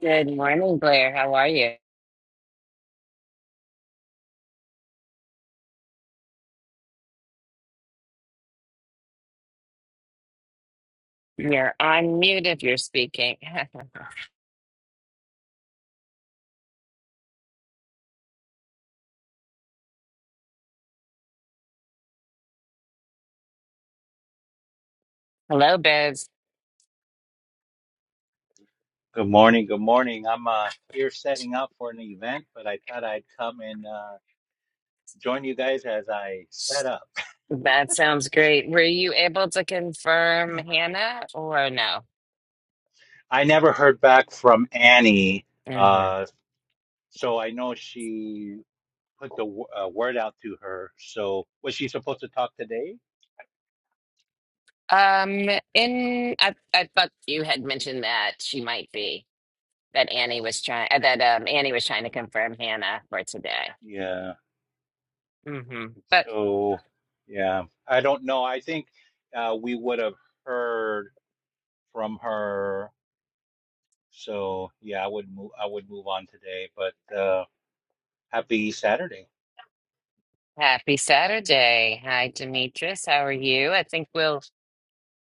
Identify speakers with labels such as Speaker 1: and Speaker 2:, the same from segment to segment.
Speaker 1: Good morning, Blair. How are you? You're on mute if you're speaking. Hello, Biz.
Speaker 2: Good morning. Good morning. I'm uh, here setting up for an event, but I thought I'd come and uh, join you guys as I set up.
Speaker 1: That sounds great. Were you able to confirm Hannah or no?
Speaker 2: I never heard back from Annie,
Speaker 1: hmm
Speaker 2: uh, so I know she put the w- uh, word out to her. So was she supposed to talk today?
Speaker 1: Um, in I, I thought you had mentioned that she might be that Annie was trying uh, that um Annie was trying to confirm Hannah for today.
Speaker 2: Yeah.
Speaker 1: hmm But
Speaker 2: So yeah, I don't know. I think uh, we would have heard from her. So yeah, I would move. I would move on today. But uh, happy Saturday.
Speaker 1: happy Saturday. Hi, Demetrius. How are you? I think we'll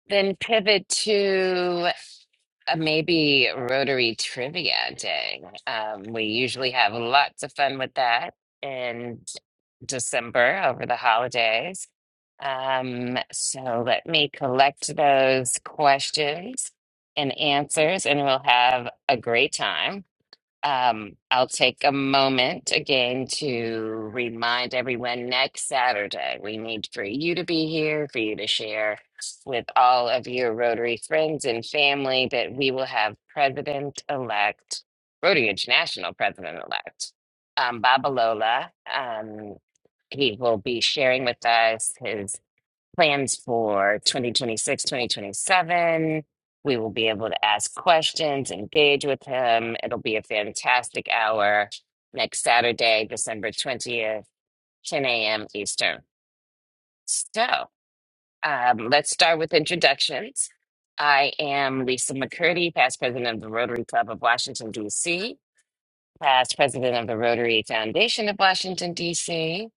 Speaker 1: then pivot to uh, maybe Rotary Trivia Day. Um, we usually have lots of fun with that in December over the holidays. Um, so let me collect those questions and answers, and we'll have a great time. Um, I'll take a moment again to remind everyone next Saturday, we need for you to be here, for you to share with all of your Rotary friends and family that we will have President elect, Rotary International President elect, um, Babalola. Um, he will be sharing with us his plans for 2026, 2027. We will be able to ask questions, engage with him. It'll be a fantastic hour next Saturday, December 20th, 10 a.m. Eastern. So um, let's start with introductions. I am Lisa McCurdy, past president of the Rotary Club of Washington, D.C past president of the Rotary Foundation of Washington, D.C.,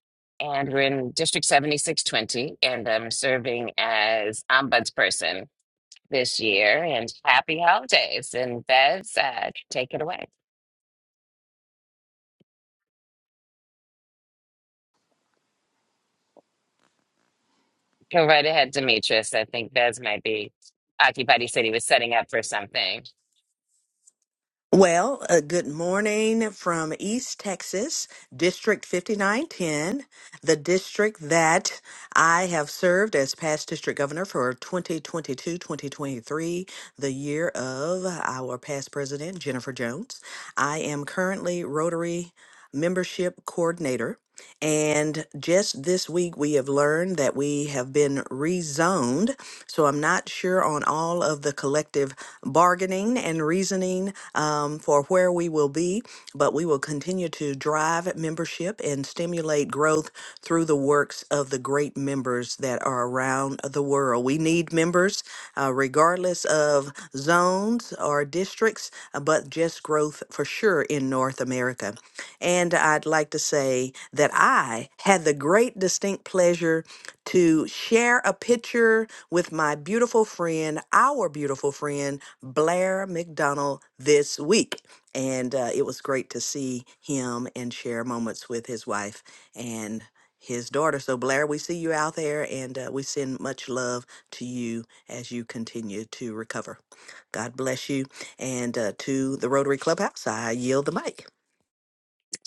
Speaker 1: and we're in District 7620, and I'm serving as ombudsperson this year. And happy holidays. And Bez, uh, take it away. Go right ahead, Demetrius. I think Bez might be Occupy City was setting up for something.
Speaker 3: Well, uh, good morning from East Texas, District 5910, the district that I have served as past district governor for 2022 2023, the year of our past president, Jennifer Jones. I am currently Rotary membership coordinator and just this week, we have learned that we have been rezoned. So I'm not sure on all of the collective bargaining and reasoning um, for where we will be, but we will continue to drive membership and stimulate growth through the works of the great members that are around the world. We need members, uh, regardless of zones or districts, uh, but just growth for sure in North America. And I'd like to say that I had the great distinct pleasure to share a picture with my beautiful friend, our beautiful friend, Blair McDonald, this week. And uh, it was great to see him and share moments with his wife and his daughter. So, Blair, we see you out there and uh, we send much love to you as you continue to recover. God bless you. And uh, to the Rotary Clubhouse, I yield the mic.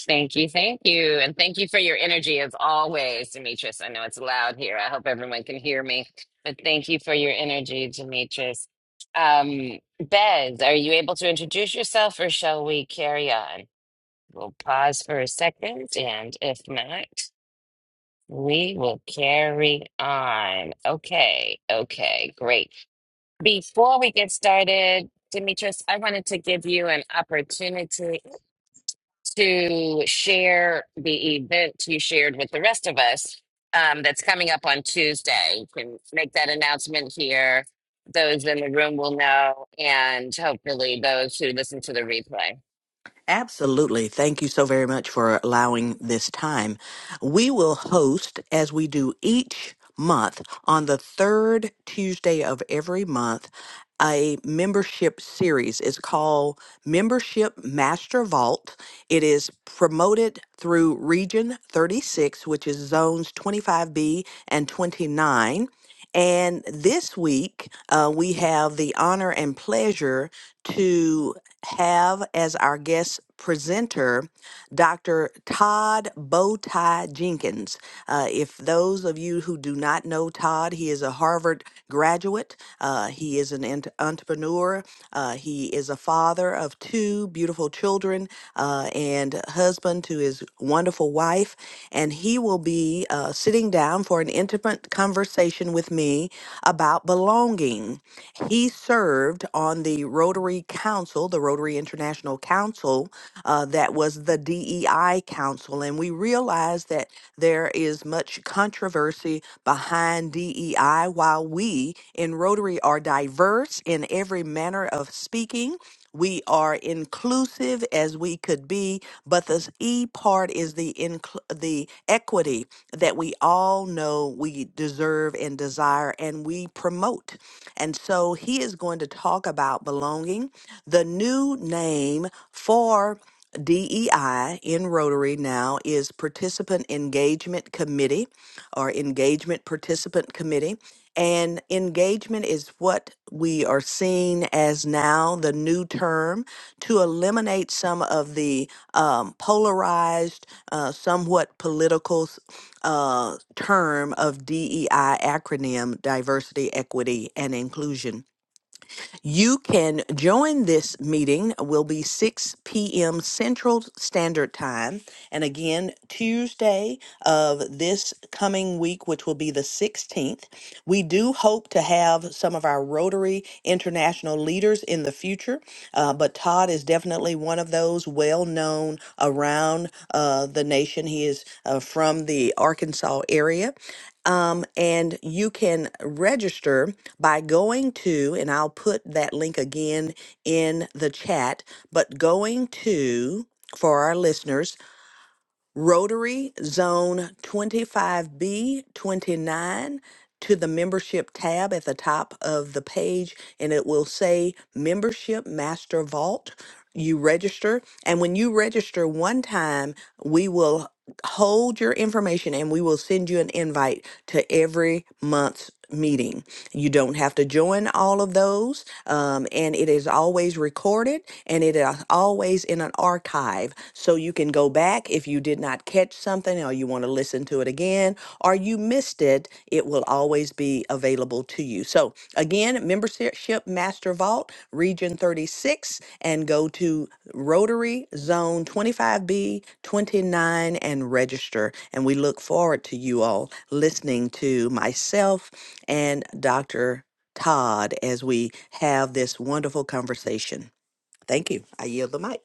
Speaker 1: Thank you, thank you, and thank you for your energy as always, Demetrius. I know it's loud here. I hope everyone can hear me, but thank you for your energy, Demetrius. Um, Bez, are you able to introduce yourself, or shall we carry on? We'll pause for a second, and if not, we will carry on. Okay, okay, great. Before we get started, Demetrius, I wanted to give you an opportunity to share the event you shared with the rest of us um, that's coming up on Tuesday. You can make that announcement here. Those in the room will know, and hopefully those who listen to the replay.
Speaker 3: Absolutely. Thank you so very much for allowing this time. We will host, as we do each month, on the third Tuesday of every month, a membership series. It's called Membership Master Vault. It is promoted through Region 36, which is zones 25B and 29. And this week, uh, we have the honor and pleasure to have as our guest presenter Dr. Todd Bowtie Jenkins. Uh, if those of you who do not know Todd, he is a Harvard graduate. Uh, he is an ent- entrepreneur. Uh, he is a father of two beautiful children uh, and husband to his wonderful wife. And he will be uh, sitting down for an intimate conversation conversation with me about belonging. He served on the Rotary Council, the Rotary International Council, uh, that was the DEI Council. And we realized that there is much controversy behind DEI while we in Rotary are diverse in every manner of speaking. We are inclusive as we could be, but the E part is the incl- the equity that we all know we deserve and desire and we promote. And so he is going to talk about belonging, the new name for DEI in Rotary now is Participant Engagement Committee or Engagement Participant Committee. And engagement is what we are seeing as now the new term to eliminate some of the um, polarized, uh, somewhat political uh, term of DEI acronym, diversity, equity, and inclusion you can join this meeting. It will be 6 p.m. Central Standard Time. And again, Tuesday of this coming week, which will be the 16th, we do hope to have some of our Rotary International leaders in the future. Uh, but Todd is definitely one of those well known around uh, the nation. He is uh, from the Arkansas area. Um, and you can register by going to, and I'll put that link again in the chat, but going to, for our listeners, Rotary Zone 25B29 to the membership tab at the top of the page, and it will say Membership Master Vault. You register, and when you register one time, we will hold your information and we will send you an invite to every month's meeting. You don't have to join all of those, um, and it is always recorded and it is always in an archive. So you can go back if you did not catch something or you want to listen to it again or you missed it. It will always be available to you. So, again, membership Master Vault, Region 36, and go to Rotary Zone 25B 29 and register. And we look forward to you all listening to myself and Dr. Todd as we have this wonderful conversation. Thank you. I yield the mic.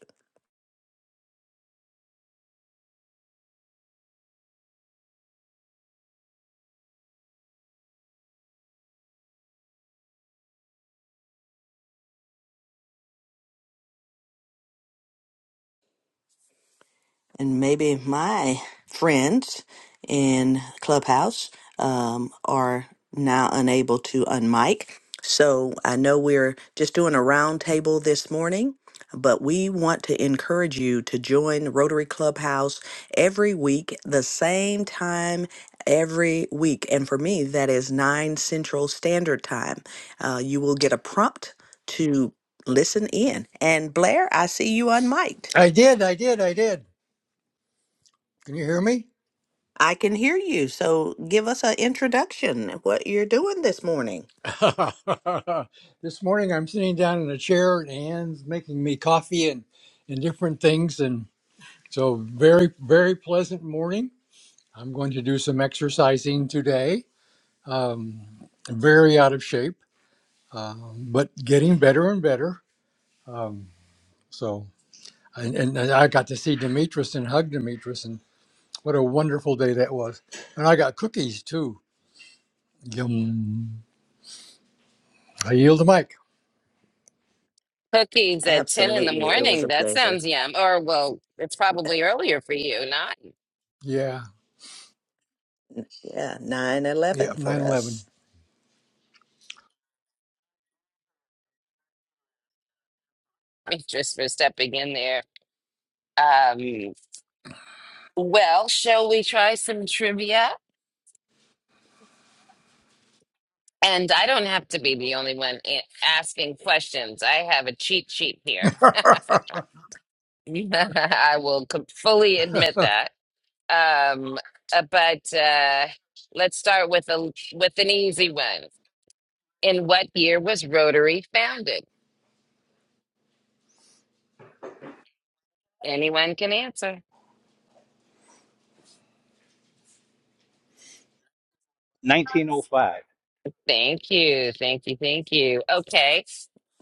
Speaker 3: and maybe my friends in Clubhouse um, are now unable to unmic. So I know we're just doing a roundtable this morning, but we want to encourage you to join Rotary Clubhouse every week, the same time every week. And for me, that is 9 Central Standard Time. Uh, you will get a prompt to listen in. And Blair, I see you unmiked.
Speaker 4: I did, I did, I did. Can you hear me?
Speaker 3: I can hear you. So give us an introduction of what you're doing this morning.
Speaker 4: this morning I'm sitting down in a chair and Anne's making me coffee and, and different things. And so, very, very pleasant morning. I'm going to do some exercising today. Um, very out of shape, um, but getting better and better. Um, so, and, and I got to see Demetrius and hug Demetrius, and what a wonderful day that was. And I got cookies too. Yum. I yield the mic.
Speaker 1: Cookies at 10 in the
Speaker 3: Absolutely. It was
Speaker 1: morning.
Speaker 3: a
Speaker 1: That
Speaker 3: pleasure.
Speaker 1: sounds yum. Or, well, it's probably earlier for you, not
Speaker 4: Yeah.
Speaker 3: Yeah, 9 eleven
Speaker 4: Yep, nine
Speaker 3: for
Speaker 4: eleven.
Speaker 3: us.
Speaker 1: just for stepping in there. Um, well, shall we try some trivia? And I don't have to be the only one a- asking questions. I have a cheat sheet here. I will com- fully admit that. Um, uh, but uh, let's start with a with an easy one. In what year was Rotary founded? Anyone can answer.
Speaker 2: 1905.
Speaker 1: Thank you, thank you, thank you. Okay,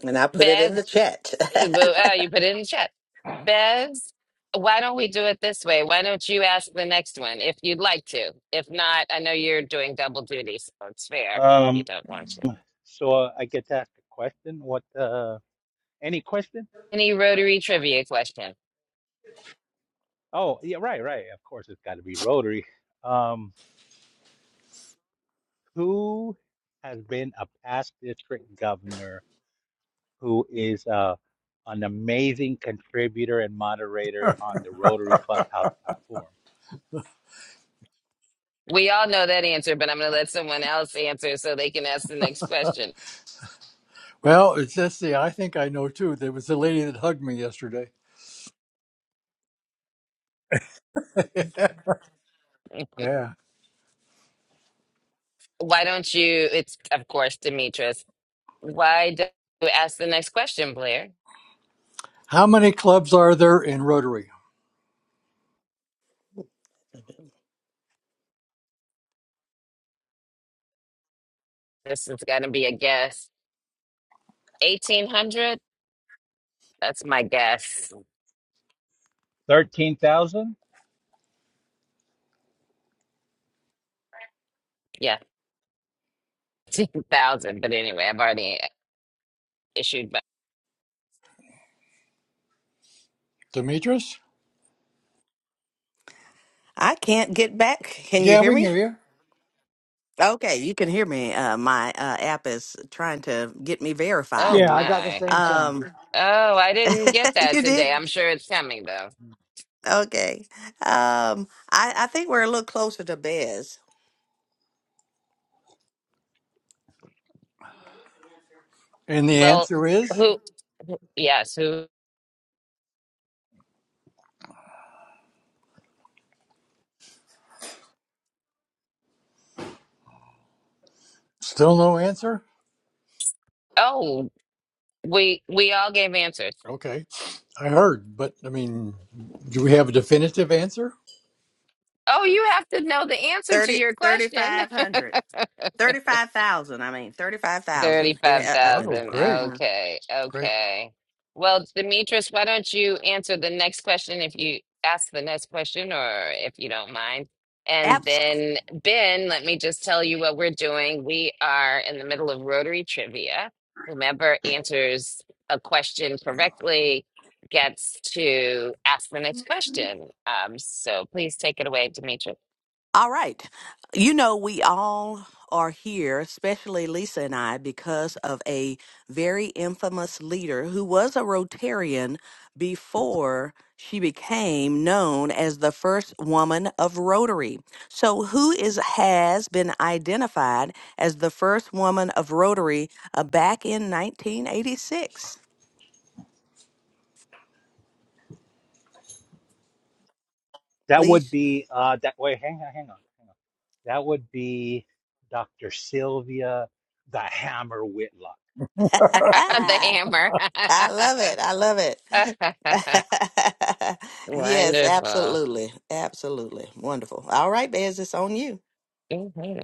Speaker 3: And I put it
Speaker 1: Bev,
Speaker 3: in the chat.
Speaker 1: Uh, but, uh, you put it in the chat. Bez, why don't we do it this way? Why don't you ask the next one if you'd like to? If not, I know you're doing double duty, so it's fair if you
Speaker 2: Um,
Speaker 1: don't want to.
Speaker 2: so uh, I get to ask a question. What, uh, any question?
Speaker 1: Any Rotary trivia question?
Speaker 2: Oh, yeah, right, right. Of course, it's got to be Rotary. Um, who has been a past district governor who is uh, an amazing contributor and moderator on the Rotary Clubhouse platform?
Speaker 1: We all know that answer, but I'm going to let someone else answer so they can ask the next question.
Speaker 4: Well, it's just the I think I know too. There was a lady that hugged me yesterday. Yeah.
Speaker 1: Why don't you? It's, of course, Demetrius. Why don't you ask the next question, Blair?
Speaker 4: How many clubs are there in Rotary?
Speaker 1: This is going to be a guess. 1800? That's my guess.
Speaker 2: 13,000?
Speaker 1: Yes. 10,000. But anyway, I've already issued. But
Speaker 4: Demetrius?
Speaker 3: I can't get back. Can you
Speaker 4: Yeah,
Speaker 3: hear
Speaker 4: we can
Speaker 3: me?
Speaker 4: hear you.
Speaker 3: Okay, you can hear me. Uh, my uh, app is trying to get me
Speaker 1: oh
Speaker 3: verified.
Speaker 4: Yeah, I got the
Speaker 1: my.
Speaker 4: same thing.
Speaker 3: Um,
Speaker 1: Oh, I didn't get that
Speaker 3: you
Speaker 1: today.
Speaker 3: did?
Speaker 1: I'm sure it's coming though.
Speaker 3: Okay. Um, I, I think we're a little closer to Bez.
Speaker 4: And the
Speaker 1: Well,
Speaker 4: answer is
Speaker 1: who? Yes, who?
Speaker 4: still no answer.
Speaker 1: Oh, we we all gave answers.
Speaker 4: Okay, I heard, but I mean, do we have a definitive answer?
Speaker 1: Oh, you have to know the answer to
Speaker 3: 30,
Speaker 1: your question.
Speaker 3: 3,500. Thirty-five thousand. I mean, thirty-five thousand. It. Uh, uh, uh,
Speaker 4: Oh,
Speaker 1: 35,000.
Speaker 4: great,
Speaker 3: mhm.
Speaker 1: Okay,
Speaker 4: great.
Speaker 1: okay. Well, Demetrius, why don't you answer the next question if you ask the next question or if you don't mind? And
Speaker 3: Abs-
Speaker 1: then, Ben, let me just tell you what we're doing. We are in the middle of Rotary Trivia. Whomever answers a question correctly gets to ask the next question. Um, so please take it away, Demetrius.
Speaker 3: All right. You know, we all are here, especially Lisa and I, because of a very infamous leader who was a Rotarian before she became known as the first woman of Rotary. So, who is has been identified as the first woman of Rotary uh, back in 1986?
Speaker 2: That would
Speaker 3: Please.
Speaker 2: be, uh, that, wait, hang on, hang on, hang on. That would be Dr. Sylvia the Hammer Whitlock.
Speaker 1: the hammer.
Speaker 3: I love it. I love it. yes,
Speaker 1: Wonderful.
Speaker 3: absolutely. Absolutely. Wonderful. All right, Bez, it's on you.
Speaker 1: Mhm.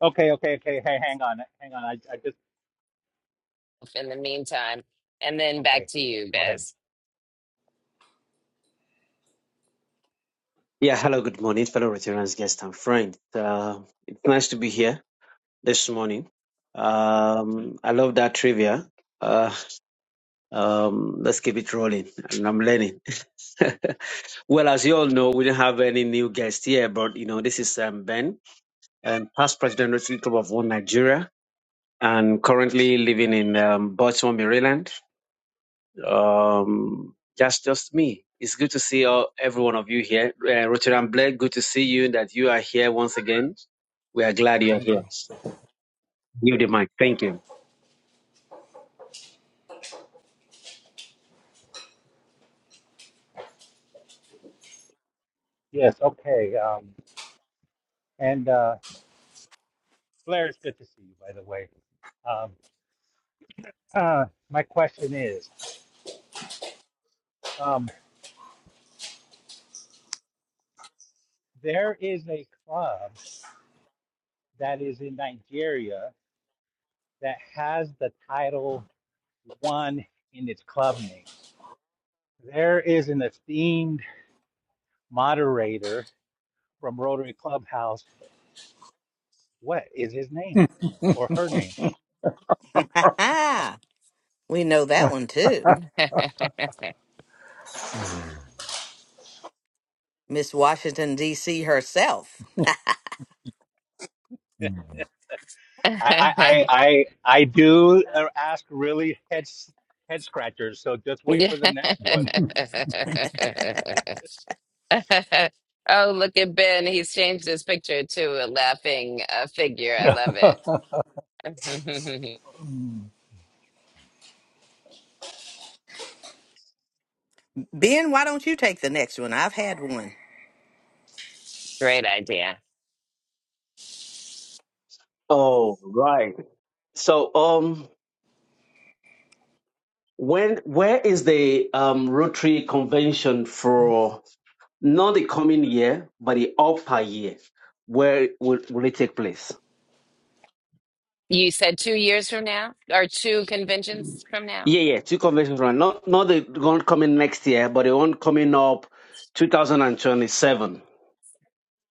Speaker 2: Okay, okay, okay. Hey, hang on, hang on. I, I just
Speaker 1: In the meantime, and then back
Speaker 2: okay.
Speaker 1: to you,
Speaker 2: Go ahead.
Speaker 1: Bez.
Speaker 5: Yeah, hello, good morning, fellow Rotarians, guests, and friends. Uh, it's nice to be here this morning. Um, I love that trivia. Uh, um, let's keep it rolling, and I'm learning. well, as you all know, we don't have any new guests here, but you know, this is um, Ben, um, past president of Rotary Club of One Nigeria, and currently living in um, Baltimore, Maryland. Um, that's just me. It's good to see all, every one of you here. Uh, Rotterdam Blake, good to see you that you are here once again. We are glad you are
Speaker 4: Thank you.
Speaker 5: here. Give the mic. Thank you.
Speaker 2: Yes, okay. Um, and uh, Blair, it's good to see you, by the way. Um, uh, my question is, um, there is a club that is in Nigeria that has the title one in its club name. There is an esteemed moderator from Rotary Clubhouse. What is his name or her name?
Speaker 3: we know that one too. Miss Washington, D.C. herself.
Speaker 2: I I I I I do uh, ask really head head scratchers. So just wait
Speaker 1: Yeah.
Speaker 2: for the next one.
Speaker 1: Oh, look at Ben. He's changed his picture to a laughing uh, figure. I love it.
Speaker 3: Ben, why don't you take the next one? I've had one.
Speaker 1: Great idea.
Speaker 5: Oh, right. So, um, when where is the um Rotary convention for not the coming year, but the upper year? Where will, will it take place?
Speaker 1: You said two years from now or two conventions from now?
Speaker 5: Yeah, yeah, two conventions run. Not not the one coming next year, but the one coming up 2027.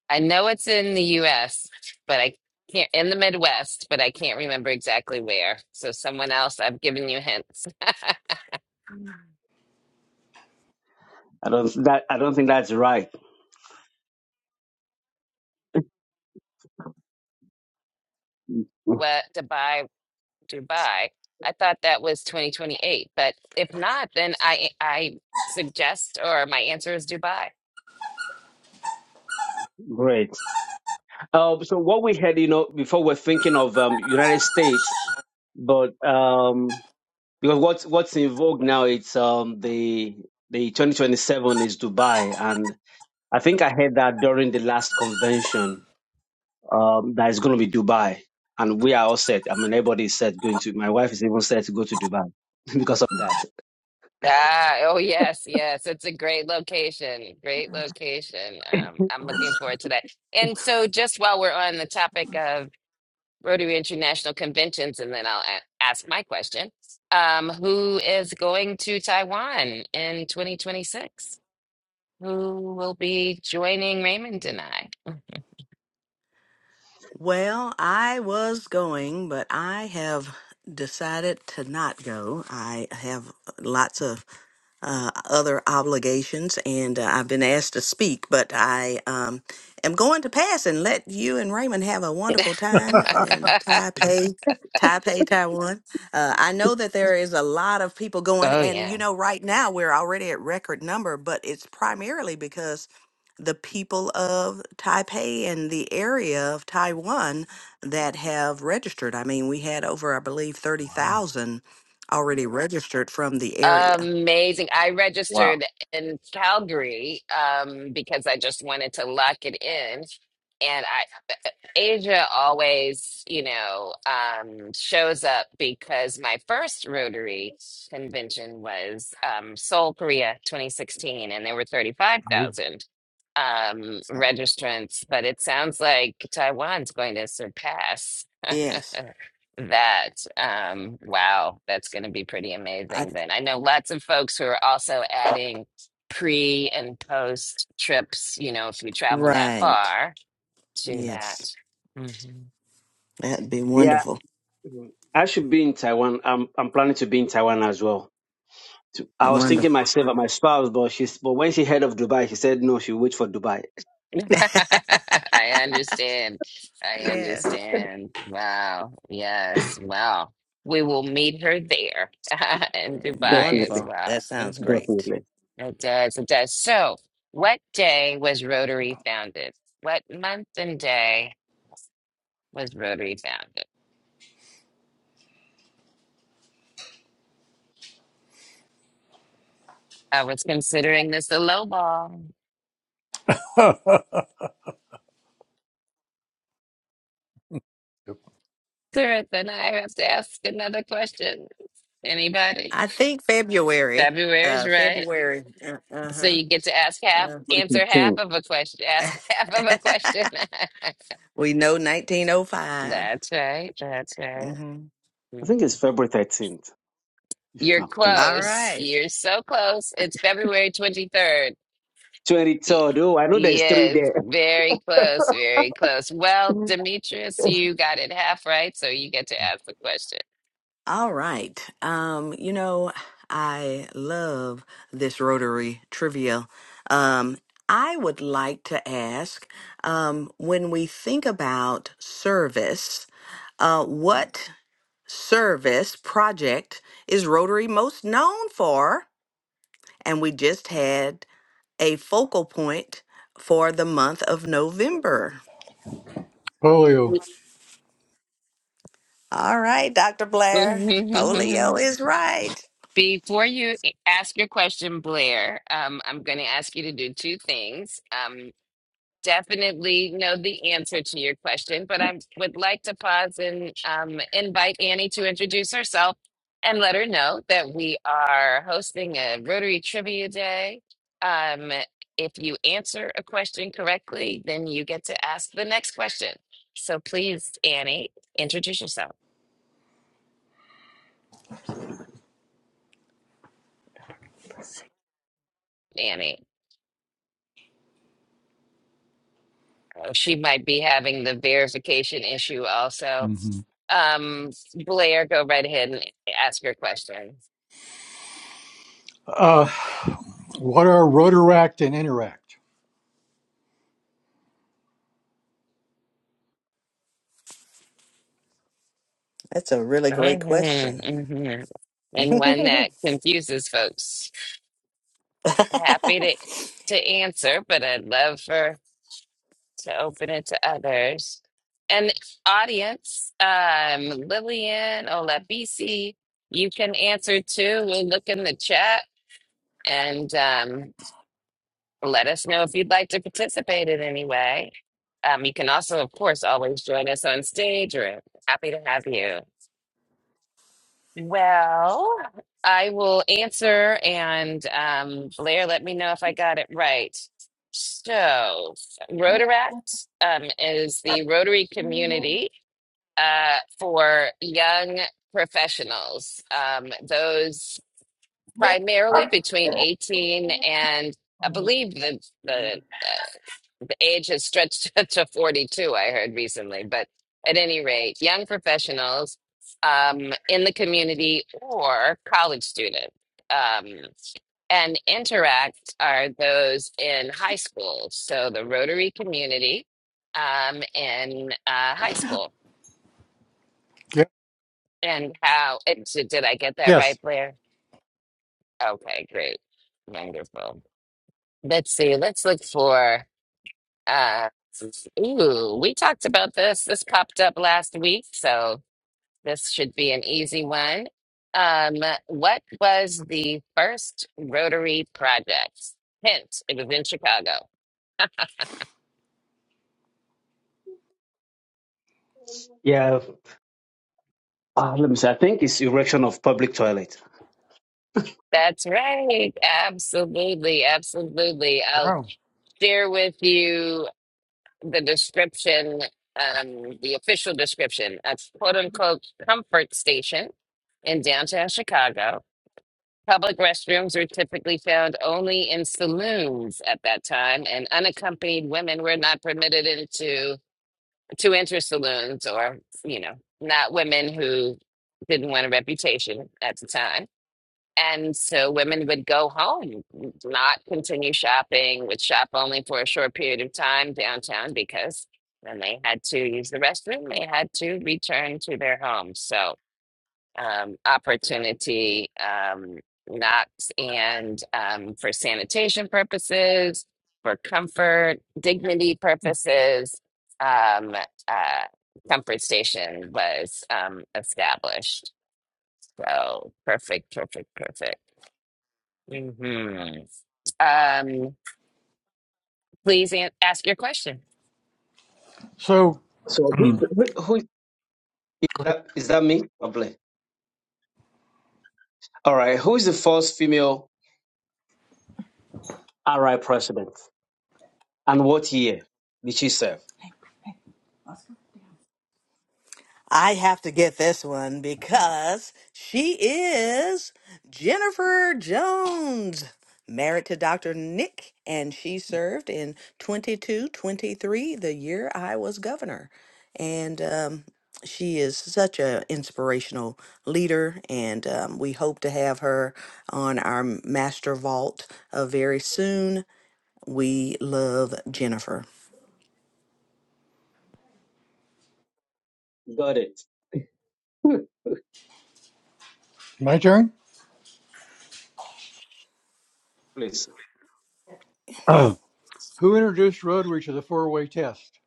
Speaker 1: I know it's in the US, but I can't in the Midwest, but I can't remember exactly where. So someone else, I've given you hints.
Speaker 5: I don't that I don't think that's right.
Speaker 1: What Dubai, Dubai. I thought that was 2028, but if not, then I I suggest or my answer is Dubai.
Speaker 5: Great. Uh, so what we had, you know, before we're thinking of um, United States, but um, because what's what's in vogue now, it's um, the the 2027 is Dubai, and I think I heard that during the last convention um, that it's going to be Dubai, and we are all set. I mean, everybody is set going to. My wife is even set to go to Dubai because of that.
Speaker 1: Ah, oh yes, yes. It's a great location. Great location. Um, I'm looking forward to that. And so just while we're on the topic of Rotary International Conventions, and then I'll a- ask my question. Um, who is going to Taiwan in 2026? Who will be joining Raymond and I?
Speaker 3: Well, I was going, but I have decided to not go. I have lots of uh, other obligations, and uh, I've been asked to speak, but I um, am going to pass and let you and Raymond have a wonderful time in
Speaker 5: Hmm.
Speaker 3: Taipei, Taipei, Taiwan. Uh, I know that there is a lot of people going,
Speaker 1: oh,
Speaker 3: and you
Speaker 1: yeah.
Speaker 3: know, right now we're already at record number, but it's primarily because the people of Taipei and the area of Taiwan that have registered. I mean, we had over, I believe,
Speaker 4: wow.
Speaker 3: 30,000 already registered from the area.
Speaker 1: Amazing. I
Speaker 5: Wow.
Speaker 1: registered in Calgary um, because I just wanted to lock it in. And I Asia always, you know, um, shows up because my first Rotary convention was um, Seoul, Korea, 2016, and there were
Speaker 4: Ooh.
Speaker 1: 35,000 um, registrants. But it sounds like Taiwan's going to surpass
Speaker 3: Yes.
Speaker 1: uh, that. Um, wow, that's going to be pretty
Speaker 3: I
Speaker 1: amazing then. I know lots of folks who are also adding pre and post trips, you know, if you travel that
Speaker 3: right.
Speaker 1: far to that.
Speaker 3: Yes.
Speaker 1: Mm-hmm.
Speaker 3: That'd be
Speaker 5: Yeah.
Speaker 3: wonderful.
Speaker 5: Mm. I should be in Taiwan. I'm I'm planning to be in Taiwan as well. To- I was thinking
Speaker 3: Wonderful.
Speaker 5: myself at my spouse, but she's but when she heard of Dubai, she said no, she wait for Dubai.
Speaker 1: I understand. I
Speaker 3: Yes.
Speaker 1: understand. Wow. Yes. Wow. We will meet her there in
Speaker 3: Amen.
Speaker 1: Dubai as
Speaker 5: Definitely,
Speaker 3: Wonderful.
Speaker 1: well.
Speaker 3: That sounds
Speaker 1: hmm
Speaker 3: great.
Speaker 5: definitely.
Speaker 1: It does. It does. So, what day was Rotary founded? What month and day was Rotary founded? I was considering this a low ball. Sure, then I have to ask another question. Anybody?
Speaker 3: I think February.
Speaker 1: February is
Speaker 3: Uh
Speaker 1: right.
Speaker 3: February. Uh
Speaker 1: So you get to ask half,
Speaker 3: huh.
Speaker 5: February
Speaker 1: answer half
Speaker 5: 13th.
Speaker 1: of a question,
Speaker 3: Uh.
Speaker 1: ask half of a question.
Speaker 3: we know 1905.
Speaker 1: That's right. That's right.
Speaker 3: Mhm.
Speaker 5: I
Speaker 1: Mhm.
Speaker 5: think it's February 13th.
Speaker 1: You're
Speaker 5: I think
Speaker 3: All
Speaker 1: close.
Speaker 3: right.
Speaker 1: You're so close. It's February 23rd. Y-
Speaker 5: 23rd. Oh, I know there's three
Speaker 1: Yes,
Speaker 5: there.
Speaker 1: very close. Very close. Well, Demetrius, you got it half right, so you get to ask the question.
Speaker 3: All right. Um, you know, I love this Rotary trivia. Um, I would like to ask, um, when we think about service, uh, what service project is Rotary most known for? And we just had a focal point for the month of November.
Speaker 4: Polio.
Speaker 3: All right, Dr. Blair,
Speaker 1: Mm.
Speaker 3: polio is right.
Speaker 1: Before you ask your question, Blair, um, I'm going to ask you to do two things. Um, definitely know the answer to your question, but I would like to pause and um, invite Annie to introduce herself and let her know that we are hosting a Rotary Trivia Day. Um, if you answer a question correctly, then you get to ask the next question. So please, Annie, introduce yourself. Annie, Oh, she might be having the verification issue also.
Speaker 4: Mm-hmm.
Speaker 1: Um, Blair, go right ahead and ask your question.
Speaker 4: Uh, what are rotaract and interact?
Speaker 3: That's a really great
Speaker 1: Mhm,
Speaker 3: question.
Speaker 1: mhm. And one that confuses folks. Happy to to answer, but I'd love for to open it to others. And audience, um, Lillian, Olabisi, you can answer too. We'll look in the chat and um, let us know if you'd like to participate in any way. Um, you can also, of course, always join us on stage. We're happy to have you. Well, I will answer and um, Blair, let me know if I got it right. So, Rotaract um, is the Rotary community uh, for young professionals, um, those primarily between 18 and I believe the, the Age has stretched to 42, I heard recently. But at any rate, young professionals um, in the community or college student. Um, and interact are those in high school. So the Rotary community um, in uh, high school.
Speaker 4: Ye-
Speaker 1: And how it, did did I get that
Speaker 4: Yes.
Speaker 1: right, Blair? Okay, great. Wonderful. Let's see. Let's look for. Uh, ooh, we talked about this. This popped up last week, so this should be an easy one. Um, what was the first Rotary project? Hint, it was in Chicago.
Speaker 5: Yeah. Uh, let me see. I think it's erection of public toilet.
Speaker 1: That's right. Absolutely, absolutely. I'll
Speaker 4: Wow.
Speaker 1: share with you the description, um, the official description, a quote unquote comfort station in downtown Chicago. Public restrooms were typically found only in saloons at that time, and unaccompanied women were not permitted into to enter saloons or, you know, not women who didn't want a reputation at the time. And so women would go home, not continue shopping, would shop only for a short period of time downtown because when they had to use the restroom, they had to return to their homes. So um, opportunity um, knocks and um, for sanitation purposes, for comfort, dignity purposes, um, uh, Comfort Station was um, established. So perfect, perfect, perfect. hmm Um, please an- ask your question.
Speaker 4: So,
Speaker 5: So who is
Speaker 4: go
Speaker 5: who, who is
Speaker 4: ahead.
Speaker 5: that? Is that me? I'm playing. All right. Who is the first female RI president, and what year did she serve?
Speaker 3: I have to get this one because she is Jennifer Jones, married to Dr. Nick, and she served in 22, 23, the year I was governor. And um, she is such an inspirational leader, and um, we hope to have her on our master vault uh, very soon. We love Jennifer.
Speaker 5: Got it. Hmm,
Speaker 4: My turn.
Speaker 5: Please.
Speaker 4: Uh, who introduced rotary to the four-way test?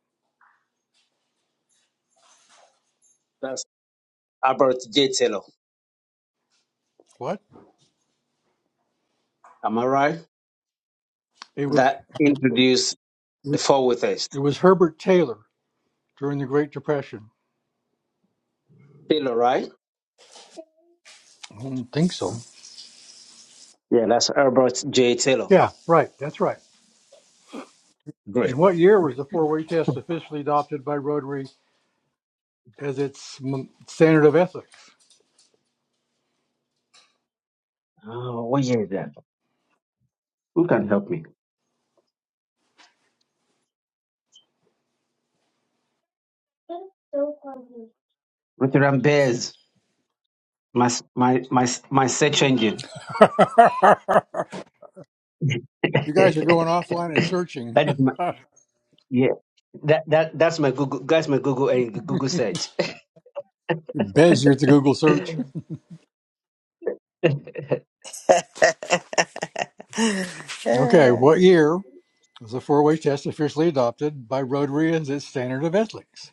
Speaker 5: That's Albert J. Taylor.
Speaker 4: What?
Speaker 5: Am I right?
Speaker 4: It was
Speaker 5: That introduced the four witness.
Speaker 4: it was Herbert Taylor during the Great Depression.
Speaker 5: Taylor, right?
Speaker 4: I don't think so.
Speaker 5: Yeah, that's Albert J. Taylor.
Speaker 4: Yeah, right. That's right.
Speaker 5: Great.
Speaker 4: In what year was the four-way test officially adopted by Rotary as its m- standard of ethics?
Speaker 5: Oh, what year is that? Who can help me? Veteran Bears. My my my my search engine.
Speaker 4: you guys are going
Speaker 5: that
Speaker 4: offline and
Speaker 5: is
Speaker 4: searching.
Speaker 5: my Yeah, that that that's my Google. That's my Google and Google search.
Speaker 4: Bez, you're at the Google search. Okay, what year? It's a four way test officially adopted by Rotary as its standard of ethics.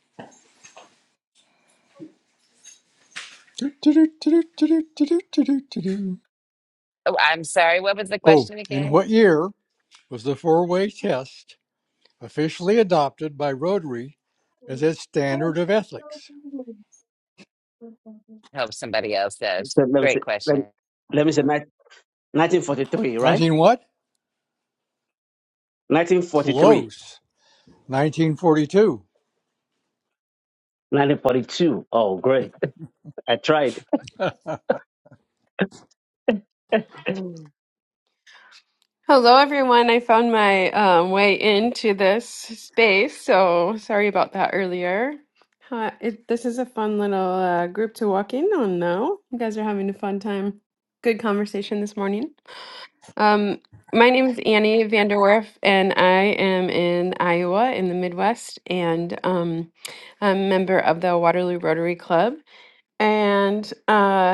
Speaker 1: Oh, I'm sorry. What was the
Speaker 4: Oh,
Speaker 1: question
Speaker 4: in
Speaker 1: again?
Speaker 4: what year was the four way test officially adopted by Rotary as its standard of ethics?
Speaker 1: I hope somebody else does.
Speaker 5: So let me
Speaker 1: Great
Speaker 5: say, let me,
Speaker 1: question.
Speaker 5: let me say nine- 1943, right?
Speaker 4: 19 what?
Speaker 5: 1943,
Speaker 4: Close. 1942.
Speaker 5: 1942. Oh, great! I tried.
Speaker 6: Hello, everyone. I found my um, way into this space, so sorry about that earlier. Uh, it, this is a fun little uh, group to walk in on, though. You guys are having a fun time. Good conversation this morning. Um, my name is Annie Vanderwerf, and I am in Iowa in the Midwest, and um, I'm a member of the Waterloo Rotary Club. And uh,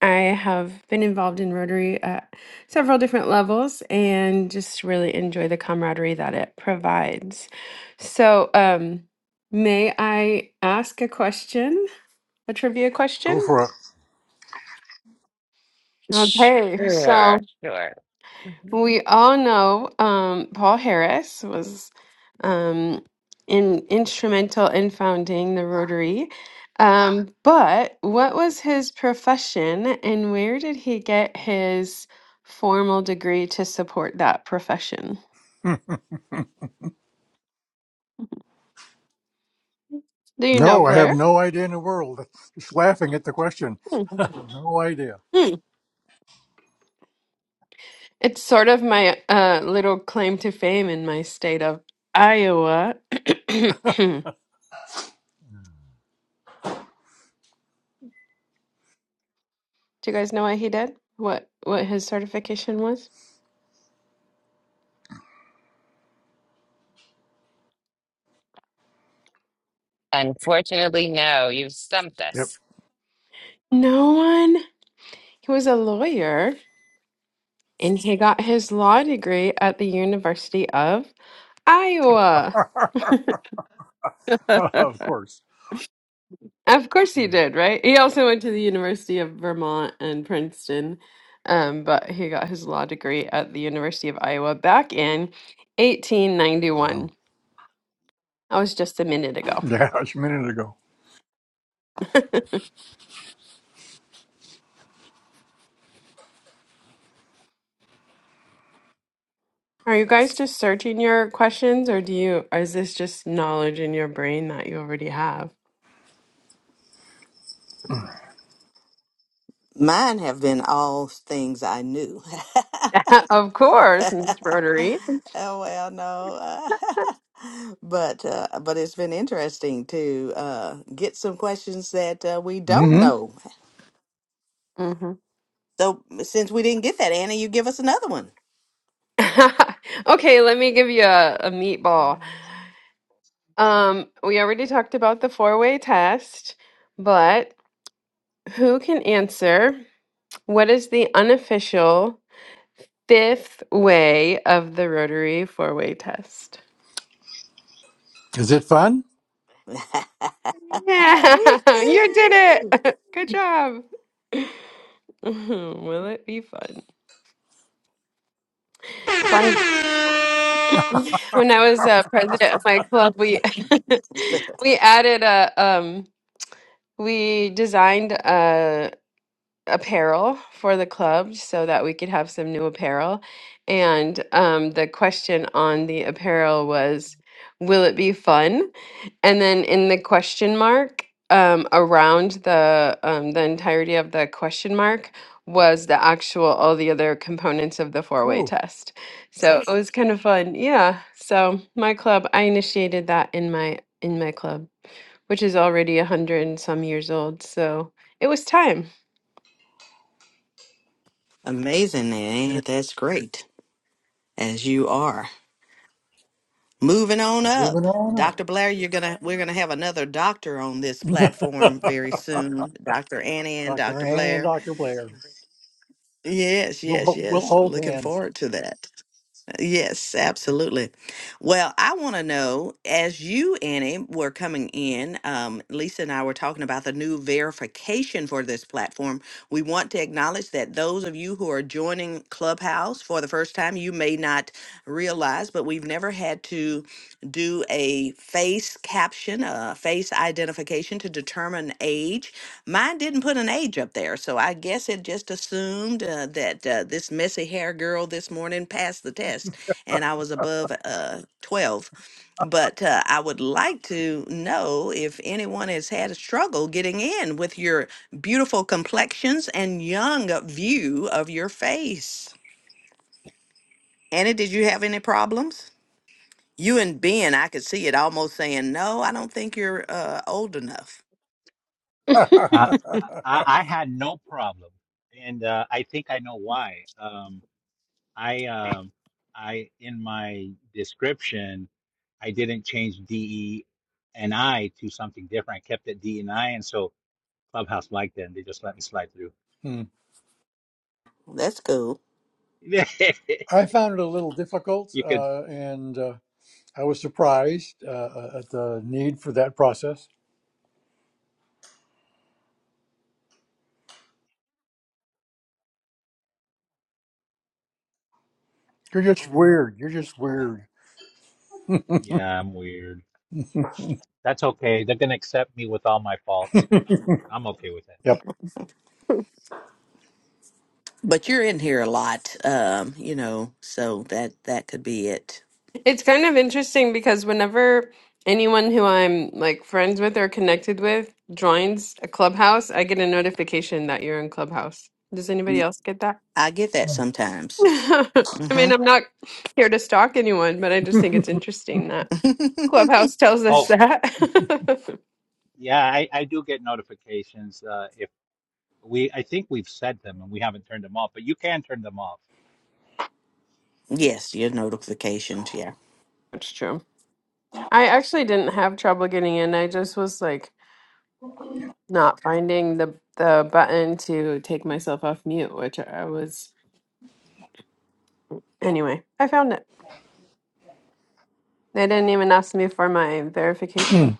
Speaker 6: I have been involved in Rotary at several different levels and just really enjoy the camaraderie that it provides. So, um, may I ask a question? A trivia
Speaker 4: Go
Speaker 6: question?
Speaker 4: for it.
Speaker 6: Okay, so.
Speaker 1: Sure, sure. Mm-hmm.
Speaker 6: We all know um, Paul Harris was um, in, instrumental in founding the Rotary. Um, but what was his profession and where did he get his formal degree to support that profession?
Speaker 4: Hmm.
Speaker 6: Do you know,
Speaker 4: No, I have
Speaker 6: Blair?
Speaker 4: no idea in the world. Just laughing at the question.
Speaker 6: Hmm.
Speaker 4: No idea.
Speaker 6: Hmm. It's sort of my uh, little claim to fame in my state of Iowa. Do you guys know what he did? What what his certification was?
Speaker 1: Unfortunately, no, you've stumped us.
Speaker 6: No one? He was a lawyer and he got his law degree at the University of Iowa.
Speaker 4: of course.
Speaker 6: Of course he
Speaker 4: Hmm.
Speaker 6: did, right? He also went to the University of Vermont and Princeton, um, but he got his law degree at the University of Iowa back in 1891.
Speaker 4: Wow.
Speaker 6: That was just a minute ago.
Speaker 4: Yeah, it's a minute ago.
Speaker 6: Are you guys just searching your questions, or do you? Or is this just knowledge in your brain that you already have?
Speaker 3: Mine have been all things I knew.
Speaker 6: of course, Miss Rotary.
Speaker 3: oh well, no, Uh, but uh, but it's been interesting to uh, get some questions that uh, we don't
Speaker 4: hmm
Speaker 3: know.
Speaker 6: Mm-hmm.
Speaker 3: So since we didn't get that, Anna, you give us another one.
Speaker 6: Okay, let me give you a, a meatball. Um, we already talked about the four-way test, but who can answer? What is the unofficial fifth way of the rotary four-way test?
Speaker 4: Is it fun?
Speaker 6: Yeah,
Speaker 3: Woo-hoo.
Speaker 6: you did it. Good job. Will it be fun? Fun. When I was uh, president of my club, we we added a um we designed apparel for the club so that we could have some new apparel. And um, the question on the apparel was, will it be fun? And then in the question mark, um, around the um, the entirety of the question mark was the actual all the other components of the four way
Speaker 4: Oh.
Speaker 6: test. So it was kind of fun. Yeah. So my club, I initiated that in my in my club, which is already a hundred and some years old. So it was time.
Speaker 3: Amazing,
Speaker 4: Yeah,
Speaker 3: Anna. That's great as you are. Moving on
Speaker 4: moving
Speaker 3: up,
Speaker 4: on up.
Speaker 3: Dr. Blair, you're gonna we're gonna have another doctor on this platform very soon, Dr. Annie and
Speaker 4: Dr.
Speaker 3: Dr.
Speaker 4: Annie and
Speaker 3: Blair.
Speaker 4: Dr. Blair.
Speaker 3: Yes,
Speaker 4: We'll,
Speaker 3: yes,
Speaker 4: ho- we'll
Speaker 3: yes.
Speaker 4: hold
Speaker 3: Looking
Speaker 4: hands.
Speaker 3: forward to that. Yes, absolutely. Well, I want to know as you, Annie, were coming in, um, Lisa and I were talking about the new verification for this platform. We want to acknowledge that those of you who are joining Clubhouse for the first time, you may not realize, but we've never had to do a face caption, a face identification to determine age. Mine didn't put an age up there, so I guess it just assumed uh, that uh, this messy hair girl this morning passed the test and I was above uh, 12. But uh, I would like to know if anyone has had a struggle getting in with your beautiful complexions and young view of your face. Annie, did you have any problems? You and Ben, I could see it almost saying, No, I don't think you're uh, old enough.
Speaker 2: Uh, I, I had no problem, and uh, I think I know why. Um, I um, I in my description, I didn't change DE and I to something different. I kept it D and I, and so Clubhouse liked it, and they just let me slide through.
Speaker 4: Hmm.
Speaker 3: That's cool.
Speaker 4: I found it a little difficult,
Speaker 2: you could,
Speaker 4: uh, and uh, I was surprised uh, uh, at the need for that process. You're just weird. You're just weird.
Speaker 2: yeah, I'm weird. That's okay. They're gonna accept me with all my faults. I'm okay with that.
Speaker 4: Yep.
Speaker 3: But you're in here a lot, um, you know, so that that could be it.
Speaker 6: It's kind of interesting because whenever anyone who I'm like friends with or connected with joins a clubhouse, I get a notification that you're in clubhouse. Does anybody else get that?
Speaker 3: I get that sometimes.
Speaker 6: I
Speaker 3: hmm
Speaker 6: mean, I'm not here to stalk anyone, but I just think it's interesting that clubhouse tells us
Speaker 2: Oh,
Speaker 6: that.
Speaker 2: yeah, I, I do get notifications. Uh, if we, I think we've said them and we haven't turned them off, but you can turn them off.
Speaker 3: yes, your notifications, yeah.
Speaker 6: That's true. I actually didn't have trouble getting in. I just was like not finding the the button to take myself off mute, which I was anyway. I found it. They didn't even ask me for my
Speaker 4: Because
Speaker 6: verification.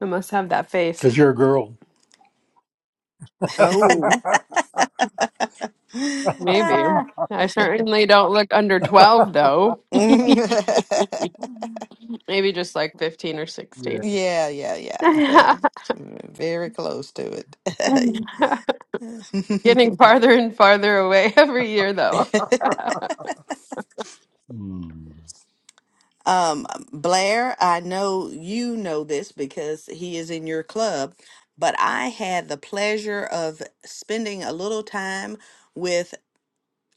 Speaker 6: I must have that face.
Speaker 4: you're a girl.
Speaker 6: Oh, maybe.
Speaker 3: Ah.
Speaker 6: I certainly don't look under 12, though.
Speaker 3: yeah,
Speaker 6: Maybe just like 15 or
Speaker 4: Yeah.
Speaker 6: 16.
Speaker 3: yeah, yeah, yeah. Very close to it.
Speaker 6: Getting farther and farther away every year, though.
Speaker 4: Hmm.
Speaker 3: um, Blair, I know you know this because he is in your club, but I had the pleasure of spending a little time with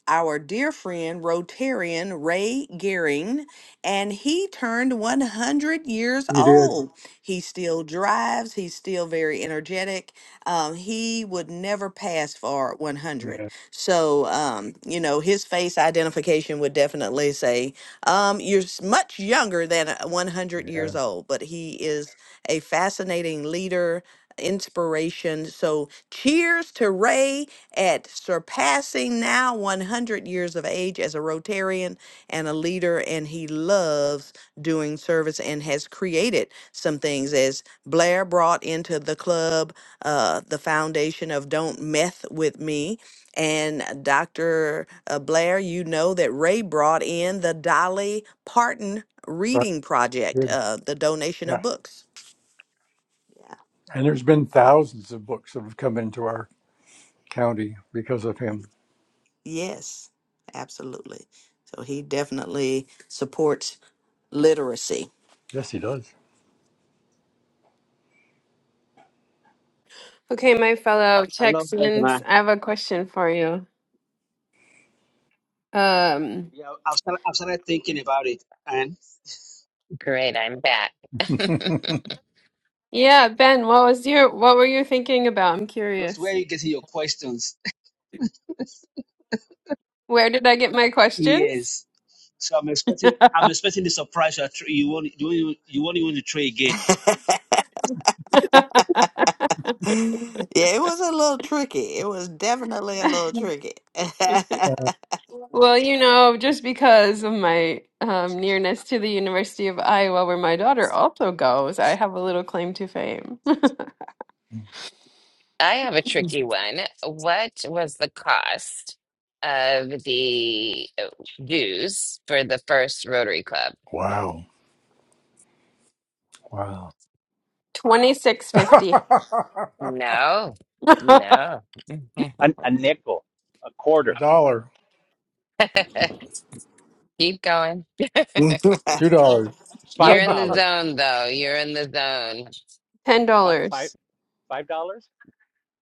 Speaker 3: our dear friend Rotarian Ray Gehring, and he turned 100 years
Speaker 4: You did.
Speaker 3: old. He still drives, he's still very energetic. Um, he would never pass for 100.
Speaker 4: Yeah.
Speaker 3: So, um, you know, his face identification would definitely say, um, You're s- much younger than a 100
Speaker 4: Yeah.
Speaker 3: years old, but he is a fascinating leader. Inspiration. So, cheers to Ray at surpassing now 100 years of age as a Rotarian and a leader, and he loves doing service and has created some things. As Blair brought into the club uh, the foundation of Don't Meth with Me, and Dr. uh, Blair, you know that Ray brought in the Dolly Parton
Speaker 4: Right.
Speaker 3: Reading Project, uh, the donation
Speaker 4: Yeah.
Speaker 3: of books. Yeah.
Speaker 4: And there's been thousands of books that have come into our county because of him.
Speaker 3: Yes, absolutely. So he definitely supports literacy.
Speaker 4: Yes, he does.
Speaker 6: Okay, my fellow
Speaker 5: I love that man.
Speaker 6: Texans, I have a question for you. Um,
Speaker 5: Yeah, I've started, I've started thinking about it, and
Speaker 1: Great, I'm back.
Speaker 6: yeah, Ben, what was your, what were you thinking about? I'm
Speaker 5: that's where
Speaker 6: curious.
Speaker 5: you get your questions.
Speaker 6: Where did I get my questions?
Speaker 5: Yes. So I'm expecting I'm expecting the surprise you, are tr- you won't you won't even- you won't even try again.
Speaker 3: yeah, it was a little tricky. It was definitely a little tricky.
Speaker 6: Well, you know, just because of my um, nearness to the University of Iowa, where my daughter also goes, I have a little claim to fame.
Speaker 1: I have a tricky one. What was the cost of the uh, dues for the first Rotary Club?
Speaker 4: Wow. Wow.
Speaker 6: Twenty six
Speaker 4: a
Speaker 6: fifty.
Speaker 1: No, no.
Speaker 2: An, a nickel, a quarter,
Speaker 4: dollar.
Speaker 1: Keep going.
Speaker 3: Well,
Speaker 4: Two dollars.
Speaker 1: You're
Speaker 2: five
Speaker 1: in the
Speaker 2: dollars,
Speaker 1: zone, though. You're in the zone.
Speaker 6: Ten
Speaker 2: five, five,
Speaker 6: dollars.
Speaker 2: five dollars,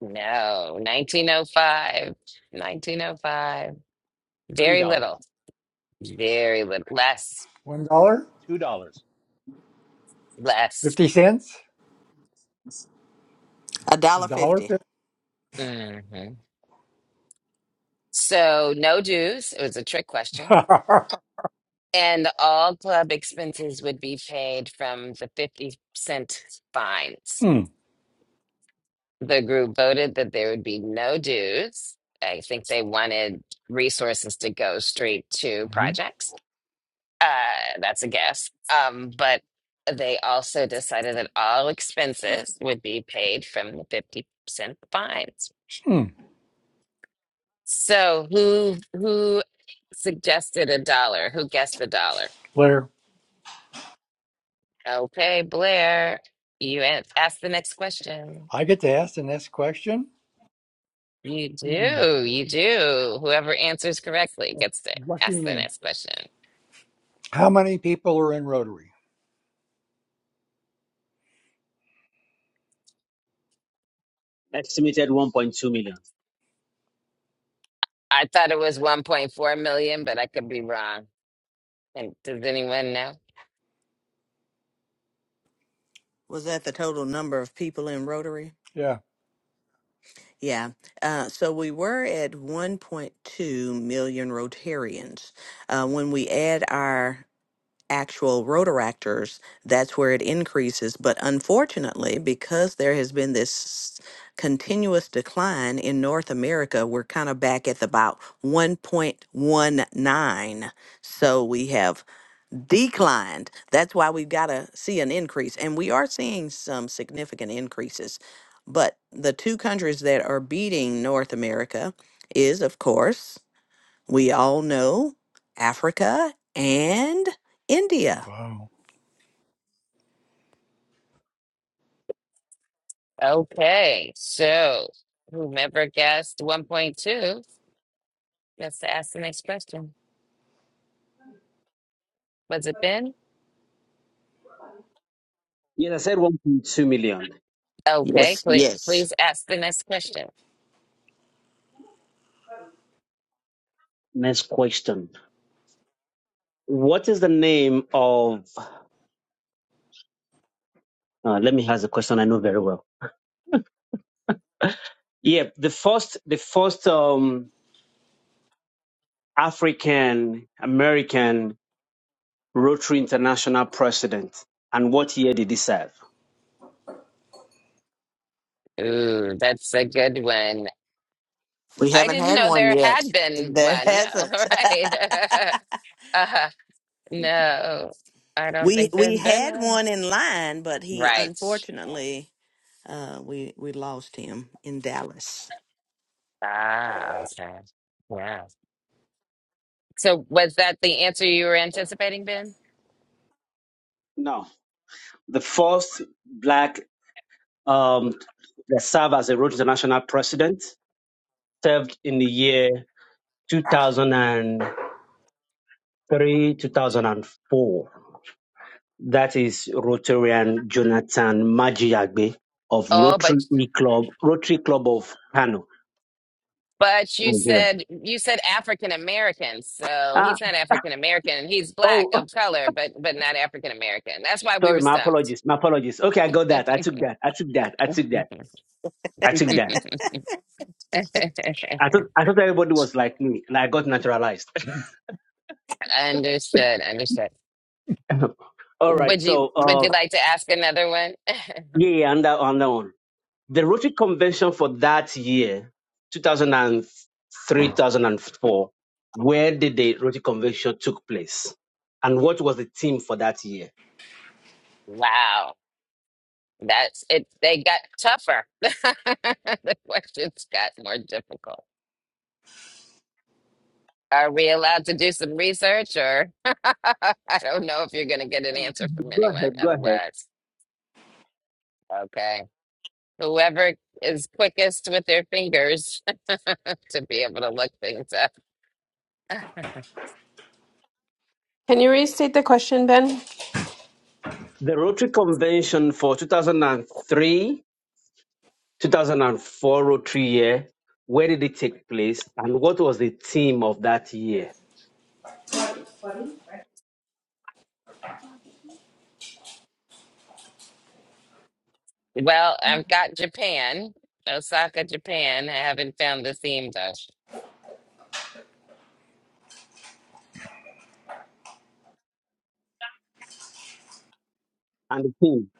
Speaker 1: No, 1905. 1905.
Speaker 2: three
Speaker 1: Very
Speaker 2: dollars,
Speaker 1: little. Very little. Less.
Speaker 4: One dollar?
Speaker 2: two dollars.
Speaker 1: Less.
Speaker 4: Fifty cents?
Speaker 3: A
Speaker 4: A
Speaker 3: dollar
Speaker 4: dollar
Speaker 3: fifty
Speaker 4: fifty?
Speaker 1: hmm So no dues. It was a trick question. And all club expenses would be paid from the 50 cent fines.
Speaker 4: Hmm.
Speaker 1: The group voted that there would be no dues. I think they wanted resources to go straight to
Speaker 4: hmm
Speaker 1: projects. Uh, that's a guess. Um, but they also decided that all expenses would be paid from the 50 cent fines.
Speaker 4: Hmm.
Speaker 1: So who who suggested a dollar? Who guessed the dollar?
Speaker 4: Blair,
Speaker 1: Okay, Blair, you an- ask the next question.
Speaker 4: I get to ask the next question?
Speaker 1: You
Speaker 4: Hmm.
Speaker 1: do, you do. Whoever answers correctly gets to
Speaker 4: Lucky
Speaker 1: ask the
Speaker 4: me.
Speaker 1: next question.
Speaker 4: How many people are in Rotary?
Speaker 5: Estimated 1.2 million.
Speaker 1: I thought it was 1.4 million, but I could be wrong. And does anyone know?
Speaker 3: was that the total number of people in Rotary?
Speaker 4: Yeah.
Speaker 3: Yeah. Uh, so we were at 1.2 million Rotarians. Uh, when we add our actual rotoractors, that's where it increases. But unfortunately, because there has been this continuous decline in North America, we're kind of back at about 1.19. So we have declined. That's why we've got to see an increase. And we are seeing some significant increases. But the two countries that are beating North America is, of course, we all know Africa and India.
Speaker 4: Wow.
Speaker 1: Okay, so whomever guessed 1.2 gets to ask the next question. Was it Ben?
Speaker 5: Yes, I said 1.2 million.
Speaker 1: Okay,
Speaker 3: Yes,
Speaker 1: please, please
Speaker 3: yes.
Speaker 1: ask the next question.
Speaker 5: Next question. What is the name of? Uh, let me ask the question. I know very well. Yeah, the first, the first um, African American Rotary International president, and what year did he serve?
Speaker 1: Ooh, that's a good one.
Speaker 3: We
Speaker 1: I
Speaker 3: haven't
Speaker 1: didn't
Speaker 3: had
Speaker 1: know
Speaker 3: one
Speaker 1: there
Speaker 3: yet.
Speaker 1: had been
Speaker 3: There
Speaker 1: one. All
Speaker 3: hasn't.
Speaker 1: right. Uh-huh. No, I don't
Speaker 3: We
Speaker 1: think
Speaker 3: we
Speaker 1: there's been
Speaker 3: had
Speaker 1: one.
Speaker 3: one in line, but he
Speaker 1: Right.
Speaker 3: unfortunately uh, we we lost him in Dallas,
Speaker 1: Ah, okay. Yeah. So was that the answer you were anticipating, Ben?
Speaker 5: No, the first black um, that served as a Rotary International president served in the year two thousand and three, two thousand and four. That is Rotarian Jonathan Majiagbe of
Speaker 1: Oh, but
Speaker 5: Rotary Club, Rotary Club of Kano,
Speaker 1: but you
Speaker 5: Nigeria.
Speaker 1: said you said African American, so
Speaker 5: Ah,
Speaker 1: he's not African American. He's black
Speaker 5: oh, oh,
Speaker 1: of color, but but not African American. That's why we
Speaker 5: sorry,
Speaker 1: were
Speaker 5: my
Speaker 1: stumped.
Speaker 5: apologies, my apologies. Okay, I got that. I took that. I took that. I took that. I took that. I thought I thought everybody was like me, and I got naturalized.
Speaker 1: Understood, understood.
Speaker 5: All right,
Speaker 1: Would you
Speaker 5: so
Speaker 1: would
Speaker 5: uh,
Speaker 1: you like to ask another one?
Speaker 5: yeah, yeah, on that on that one. The Rotary Convention for that year, 2003, 2004, where did the Rotary Convention took place? And what was the theme for that year?
Speaker 1: Wow. That's it. They got tougher. the questions got more difficult. Are we allowed to do some research, or I don't know if you're going to get an answer from
Speaker 5: Go
Speaker 1: anyone
Speaker 5: ahead, go ahead.
Speaker 1: otherwise? Okay. Whoever is quickest with their fingers to be able to look things up.
Speaker 6: Can you restate the question, Ben?
Speaker 5: The Rotary Convention for 2003, 2004 Rotary year, where did it take place? And what was the theme of that year?
Speaker 1: Well, I've got Japan, Osaka, Japan. I haven't found the theme though.
Speaker 5: And the theme,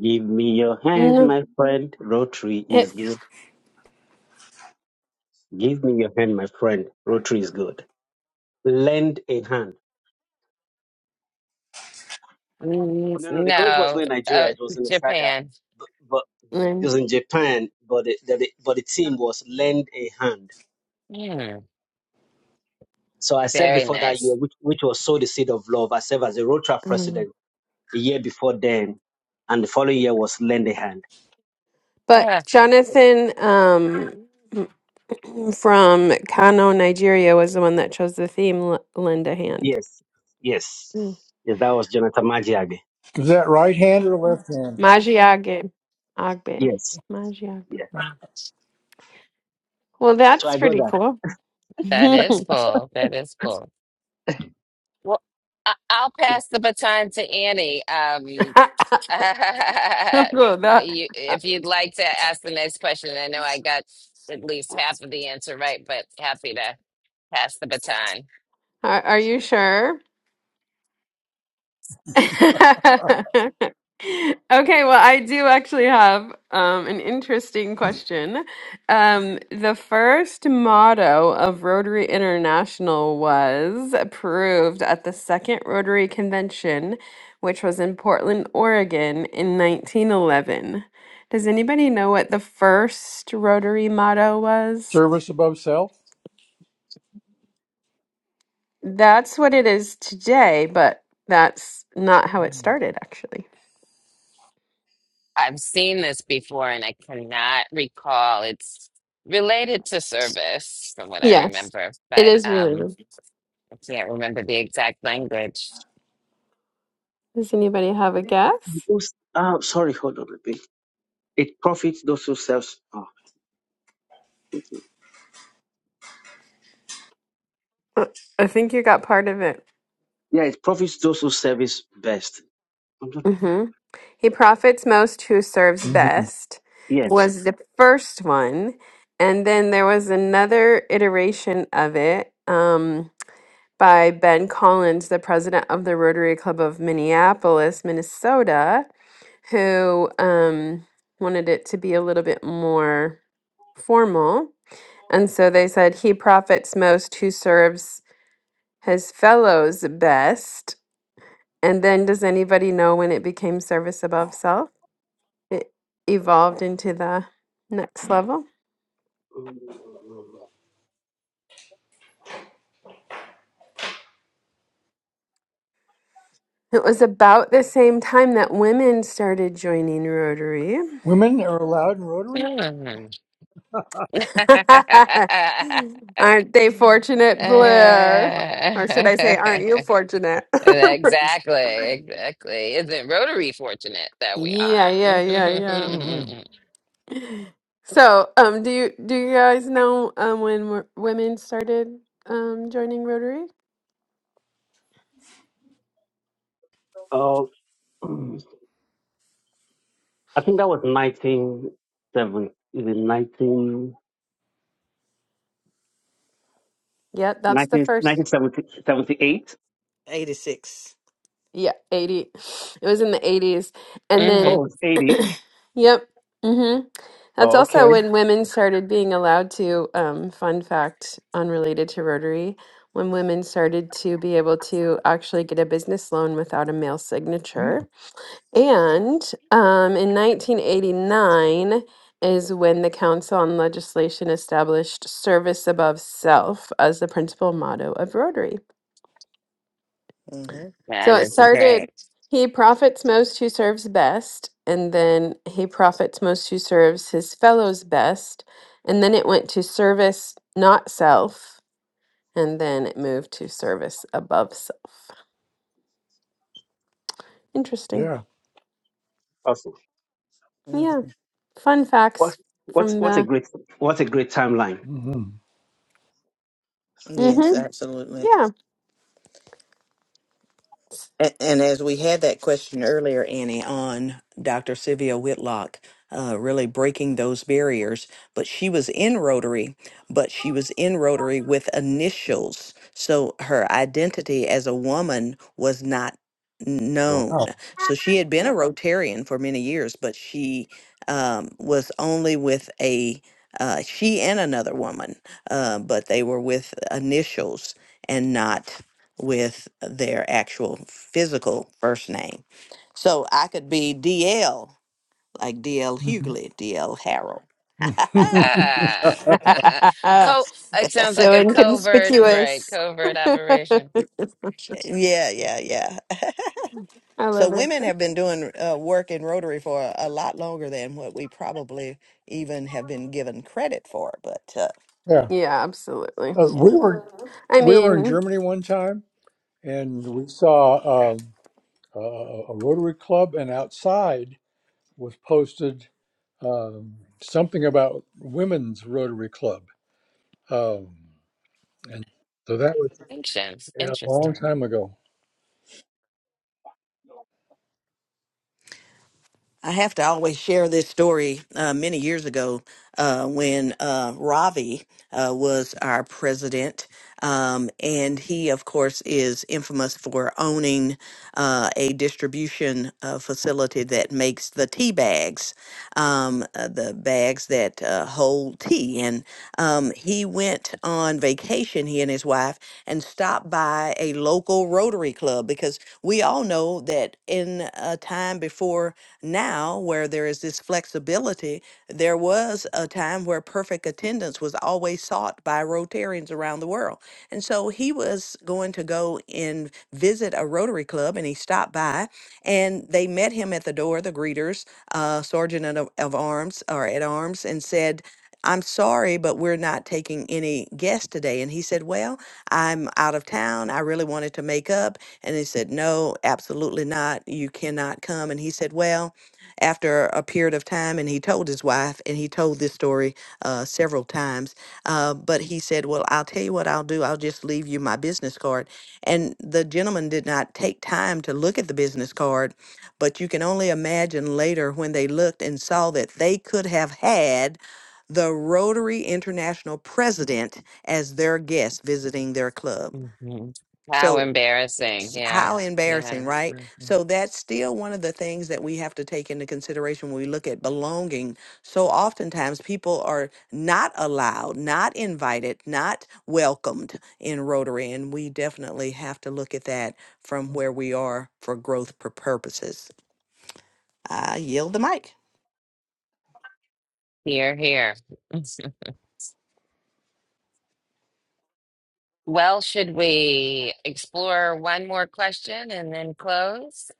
Speaker 5: give me your hand,
Speaker 6: No,
Speaker 5: my friend, Rotary is
Speaker 6: it.
Speaker 5: good. Give me your hand, my friend, Rotary is good. Lend a hand.
Speaker 1: Mm,
Speaker 5: No, no, the college was
Speaker 1: No,
Speaker 5: not in Nigeria.
Speaker 1: uh,
Speaker 5: It was in Osaka,
Speaker 1: Japan.
Speaker 5: but, but it
Speaker 6: mm,
Speaker 5: was in Japan. But the, the, the- but the team was lend a hand.
Speaker 1: Hmm,
Speaker 5: So I served
Speaker 1: very
Speaker 5: before that
Speaker 1: nice.
Speaker 5: year, which, which was sow the seed of love. I served as a road track
Speaker 6: mm.
Speaker 5: president a year before then, and the following year was lend a hand.
Speaker 6: But Jonathan um, from Kano, Nigeria, was the one that chose the theme. L- lend a hand.
Speaker 5: Yes, yes,
Speaker 6: Mm.
Speaker 5: yes. That was Jonathan Magiage.
Speaker 4: Is that right hand or left hand?
Speaker 6: Magiage, Agbe,
Speaker 5: Yes,
Speaker 6: Magiagbe.
Speaker 5: yeah.
Speaker 6: Well,
Speaker 5: So
Speaker 6: that's
Speaker 5: I got
Speaker 6: pretty
Speaker 5: that.
Speaker 6: cool.
Speaker 1: That is cool. That is cool. Well, I- I'll pass the baton to Annie. Um, you,
Speaker 6: Bro, that uh,
Speaker 1: if you'd like to ask the next question, I know I got at least half of the answer right, but happy to pass the baton.
Speaker 6: are, are you sure? Okay, well, I do actually have um, an interesting question. Um, the first motto of Rotary International was approved at the second Rotary Convention, which was in Portland, Oregon, in 1911. Does anybody know what the first Rotary motto was?
Speaker 4: Service above self?
Speaker 6: That's what it is today, but that's not how it started, actually.
Speaker 1: I've seen this before and I cannot recall. It's related to service from what I
Speaker 6: Yes,
Speaker 1: remember,
Speaker 6: it
Speaker 1: but
Speaker 6: is really
Speaker 1: um,
Speaker 6: rude.
Speaker 1: I can't remember the exact language.
Speaker 6: Does anybody have a guess?
Speaker 5: Who's- Ah, sorry, hold on a bit. It profits those who serve. Oh, okay.
Speaker 6: Uh, I think you got part of it.
Speaker 5: yeah, it profits those who service best. Something like that.
Speaker 6: hmm He profits most who serves
Speaker 4: hmm
Speaker 6: best
Speaker 5: Yes.
Speaker 6: was the first one. And then there was another iteration of it um, by Ben Collins, the president of the Rotary Club of Minneapolis, Minnesota, who um, wanted it to be a little bit more. formal. And so they said, He profits most who serves his fellows best. And then, does anybody know when it became service above self? It evolved into the next level. It was about the same time that women started joining Rotary.
Speaker 4: Women are allowed in Rotary?
Speaker 1: Hmm. exactly,
Speaker 6: Aren't they fortunate, Blair? Or should I say, aren't you fortunate?
Speaker 1: exactly. Isn't Rotary fortunate that we
Speaker 6: yeah,
Speaker 1: are?
Speaker 6: yeah, yeah, yeah.
Speaker 4: hmm
Speaker 6: So, um, do you do you guys know um when wo- women started um joining Rotary?
Speaker 5: Oh, I think that was 1970, is it 19,
Speaker 6: Yeah, that's the
Speaker 5: 19
Speaker 6: first.
Speaker 5: 1978?
Speaker 3: eighty six.
Speaker 6: Yeah, 80. It was in the 80s. And then
Speaker 1: Mhm.
Speaker 5: Oh, it's 80.
Speaker 6: yep. Mm-hmm. That's
Speaker 5: Oh, okay.
Speaker 6: also when women started being allowed to um fun fact unrelated to Rotary, when women started to be able to actually get a business loan without a male signature. And um, in 1989 is when the Council on Legislation established service above self as the principal motto of Rotary.
Speaker 3: hmm
Speaker 6: So
Speaker 1: That
Speaker 6: it
Speaker 1: is
Speaker 6: started,
Speaker 1: great.
Speaker 6: he profits most who serves best, and then he profits most who serves his fellows best. And then it went to service, not self. And then it moved to service above self. Interesting.
Speaker 4: Yeah.
Speaker 5: Awesome.
Speaker 3: hmm
Speaker 6: Yeah. Fun
Speaker 5: What,
Speaker 6: facts
Speaker 5: what's,
Speaker 6: from
Speaker 5: what's a
Speaker 6: the.
Speaker 5: great, what's a great timeline.
Speaker 4: hmm
Speaker 3: Yes,
Speaker 6: hmm
Speaker 3: absolutely.
Speaker 6: Yeah.
Speaker 3: And, and as we had that question earlier, Annie, on Dr. Sylvia Whitlock, uh, really breaking those barriers. But she was in Rotary, but she was in Rotary with initials. So her identity as a woman was not known.
Speaker 4: Wow.
Speaker 3: So she had been a Rotarian for many years, but she um, was only with a uh, she and another woman, uh, but they were with initials and not with their actual physical first name. So I could be DL, like DL
Speaker 4: Mhm.
Speaker 3: Hughley, DL Harold.
Speaker 1: Ah. Co it sounds
Speaker 6: so
Speaker 1: like a covert, right?
Speaker 6: inconspicuous.
Speaker 1: Covert
Speaker 6: I
Speaker 1: operation.
Speaker 3: yeah, yeah, yeah. So
Speaker 6: love it.
Speaker 3: women have been doing uh, work in Rotary for a lot longer than what we probably even have been given credit for. But uh,
Speaker 4: yeah.
Speaker 6: Yeah, absolutely.
Speaker 4: Uh,
Speaker 3: yeah.
Speaker 4: we were
Speaker 6: I
Speaker 4: we were in
Speaker 6: mean,
Speaker 4: Germany one time, and we saw um, a, a Rotary Club, and outside was posted um, something about women's Rotary Club, um, and so that was
Speaker 1: Interesting.
Speaker 4: a long
Speaker 1: Interesting.
Speaker 4: time ago.
Speaker 3: I have to always share this story uh, many years ago uh, when uh, Ravi uh, was our president. Um, and he, of course, is infamous for owning uh, a distribution uh, facility that makes the tea bags um, uh, the bags that uh, hold tea. And um, he went on vacation, he and his wife, and stopped by a local Rotary Club because we all know that in a time before now where there is this flexibility, there was a time where perfect attendance was always sought by Rotarians around the world. and so. And so he was going to go and visit a Rotary Club, and he stopped by, and they met him at the door, the greeters, uh, sergeant of, of arms or at arms, and said, I'm sorry, but we're not taking any guests today. And he said, Well, I'm out of town. I really wanted to make up. And they said, No, absolutely not. You cannot come. And he said, Well, after a period of time, and he told his wife, and he told this story uh, several times uh, but he said, Well, I'll tell you what I'll do. I'll just leave you my business card. And the gentleman did not take time to look at the business card, but you can only imagine later when they looked and saw that they could have had the Rotary International president as their guest visiting their club.
Speaker 1: hmm How
Speaker 3: So
Speaker 1: embarrassing. Yeah.
Speaker 3: how embarrassing,
Speaker 1: Yes.
Speaker 3: right?
Speaker 1: hmm
Speaker 3: So that's still one of the things that we have to take into consideration when we look at belonging. So oftentimes people are not allowed, not invited, not welcomed in Rotary. And we definitely have to look at that from where we are for growth pur- purposes. I yield the mic.
Speaker 1: Here, here. Well, should we explore one more question and then close?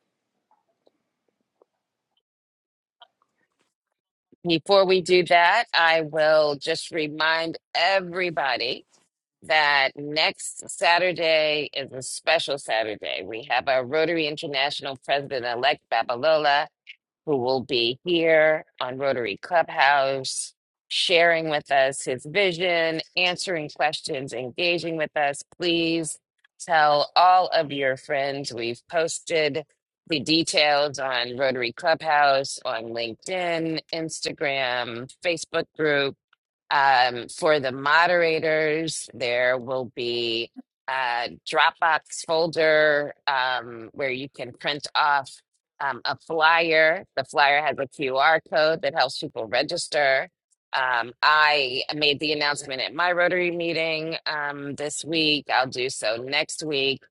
Speaker 1: Before we do that, I will just remind everybody that next Saturday is a special Saturday. We have our Rotary International President-elect Babalola who will be here on Rotary Clubhouse, sharing with us his vision, answering questions, engaging with us. Please tell all of your friends. We've posted the details on Rotary Clubhouse, on LinkedIn, Instagram, Facebook group um, for the moderators, there will be a Dropbox folder um, where you can print off um, a flyer. The flyer has a QR code that helps people register. Um, I made the announcement at my Rotary meeting um, this week. I'll do so next week.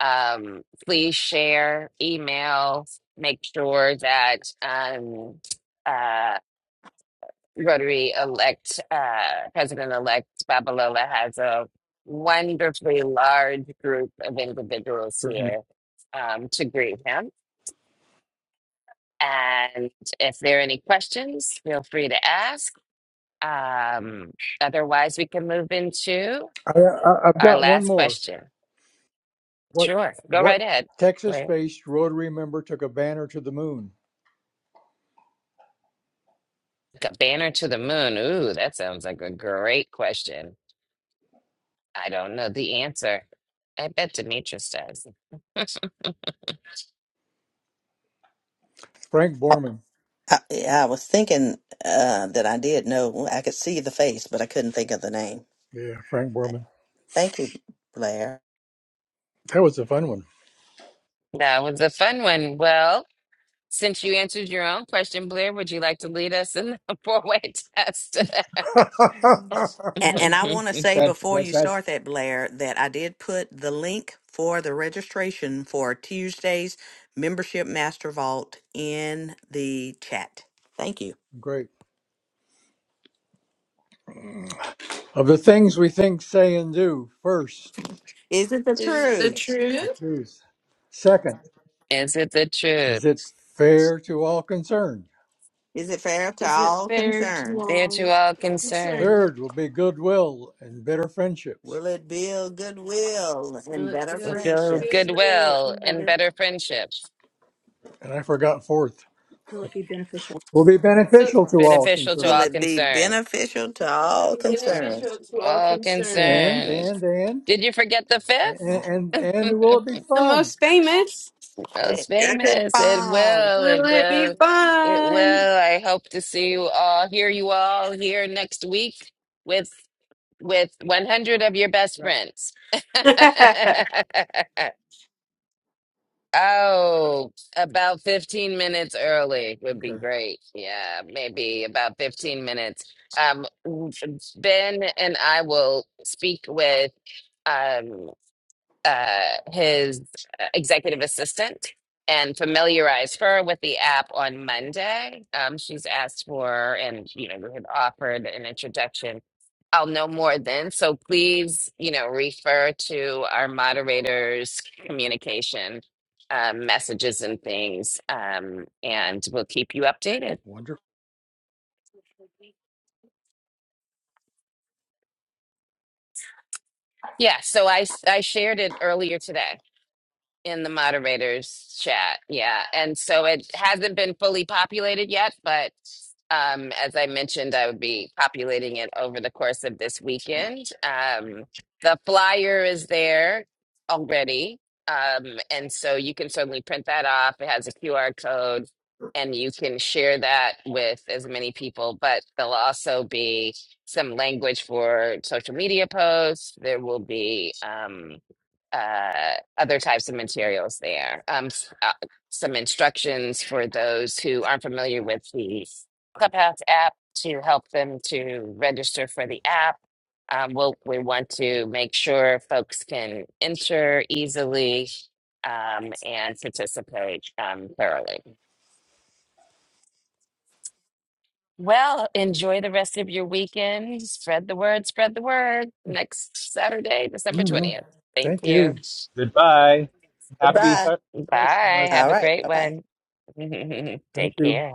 Speaker 1: Um, please share, email, make sure that um, uh, Rotary elect uh, President-elect Babalola has a wonderfully large group of individuals
Speaker 4: Certainly,
Speaker 1: here um, to greet him. And if there are any questions, feel free to ask. Um, otherwise, we can move into
Speaker 4: I, I, I've
Speaker 1: our
Speaker 4: got one
Speaker 1: last
Speaker 4: more.
Speaker 1: question.
Speaker 4: What
Speaker 1: Sure, go
Speaker 4: what
Speaker 1: right ahead. Wait.
Speaker 4: Texas-based Rotary member took a banner to the moon?
Speaker 1: Got Banner to the moon. Ooh, that sounds like a great question. I don't know the answer. I bet Demetrius does.
Speaker 4: Frank Borman.
Speaker 3: I, I I was thinking uh, that I did know. I could see the face, but I couldn't think of the name.
Speaker 4: Yeah, Frank Borman.
Speaker 3: Thank you, Blair.
Speaker 4: That was a fun one.
Speaker 1: That was a fun one. Well, since you answered your own question, Blair, would you like to lead us in the four-way test?
Speaker 3: And, and I want to say
Speaker 4: that's
Speaker 3: before
Speaker 4: that
Speaker 3: you
Speaker 4: that's
Speaker 3: start that, Blair, that I did put the link for the registration for Tuesday's Membership Master Vault in the chat. Thank you.
Speaker 4: great. Of the things we think, say, and do, first,
Speaker 3: Is it the
Speaker 6: is it the
Speaker 3: truth?
Speaker 6: truth?
Speaker 4: truth. Second,
Speaker 1: Is it the truth?
Speaker 4: is it fair to all concerned?
Speaker 3: Is it fair to
Speaker 6: Is it
Speaker 3: all
Speaker 6: fair to
Speaker 3: concerns?
Speaker 1: Dear to
Speaker 6: long
Speaker 1: all concerned,
Speaker 6: concern?
Speaker 4: Third will be goodwill and better friendships.
Speaker 3: Will it build goodwill
Speaker 6: Will
Speaker 3: and
Speaker 6: it
Speaker 3: better
Speaker 1: with
Speaker 6: feel
Speaker 1: build
Speaker 3: friendships?
Speaker 6: good, real,
Speaker 1: goodwill
Speaker 6: and
Speaker 1: and
Speaker 6: better?
Speaker 1: better friendships,
Speaker 4: And I forgot fourth, Will it be beneficial? will be
Speaker 6: But
Speaker 4: beneficial to all
Speaker 1: beneficial to
Speaker 3: Will
Speaker 1: all
Speaker 4: concerned.
Speaker 3: it be
Speaker 1: concerned.
Speaker 3: beneficial to all
Speaker 6: be beneficial
Speaker 3: concerns?
Speaker 6: to all
Speaker 1: All
Speaker 6: concerned.
Speaker 4: And,
Speaker 1: concerned.
Speaker 4: and, and,
Speaker 1: Did you forget the
Speaker 4: and,
Speaker 1: fifth?
Speaker 4: and, and will it be
Speaker 6: The
Speaker 4: fun?
Speaker 6: most famous.
Speaker 3: Hey,
Speaker 1: Most
Speaker 3: That's it,
Speaker 1: famous. It
Speaker 3: Bye
Speaker 1: will.
Speaker 6: Will
Speaker 1: It
Speaker 6: it be
Speaker 1: will. It
Speaker 6: fun?
Speaker 1: will. I hope to see you all, hear you all here next week with with 100 of your best
Speaker 4: Yeah.
Speaker 1: friends. Oh, about 15 minutes early would be
Speaker 4: Okay.
Speaker 1: great. Yeah, maybe about 15 minutes. Um, Ben and I will speak with. um uh, his uh, executive assistant and familiarize her with the app on Monday. Um, she's asked for, and you know, we had offered an introduction. I'll know more then. So please, you know, refer to our moderators' communication um, messages and things, um, and we'll keep you updated.
Speaker 4: Wonderful.
Speaker 1: Yeah, so I s- I shared it earlier today. in the moderators chat. Yeah. And so it hasn't been fully populated yet, but um, as I mentioned, I would be populating it over the course of this weekend. Um, the flyer is there already. Um, and so you can certainly print that off. It has a QR code and you can share that with as many people, but there'll also be some language for social media posts. There will be um, uh, other types of materials there. Um, s- uh, some instructions for those who aren't familiar with these Clubhouse app to help them to register for the app. Um, we'll, we want to make sure folks can enter easily um, and participate um, thoroughly. Well, enjoy the rest of your weekend. Spread the word, spread the word next Saturday, December
Speaker 4: Mhm.
Speaker 1: 20th. Thank
Speaker 4: Thank
Speaker 1: you.
Speaker 4: you.
Speaker 2: Goodbye. Happy
Speaker 3: bye.
Speaker 2: Hu-
Speaker 1: Bye.
Speaker 2: Christmas.
Speaker 1: Have
Speaker 3: All
Speaker 1: a
Speaker 3: right.
Speaker 1: great
Speaker 3: Bye bye.
Speaker 1: one.
Speaker 4: Thank
Speaker 1: Take
Speaker 4: you.
Speaker 1: care.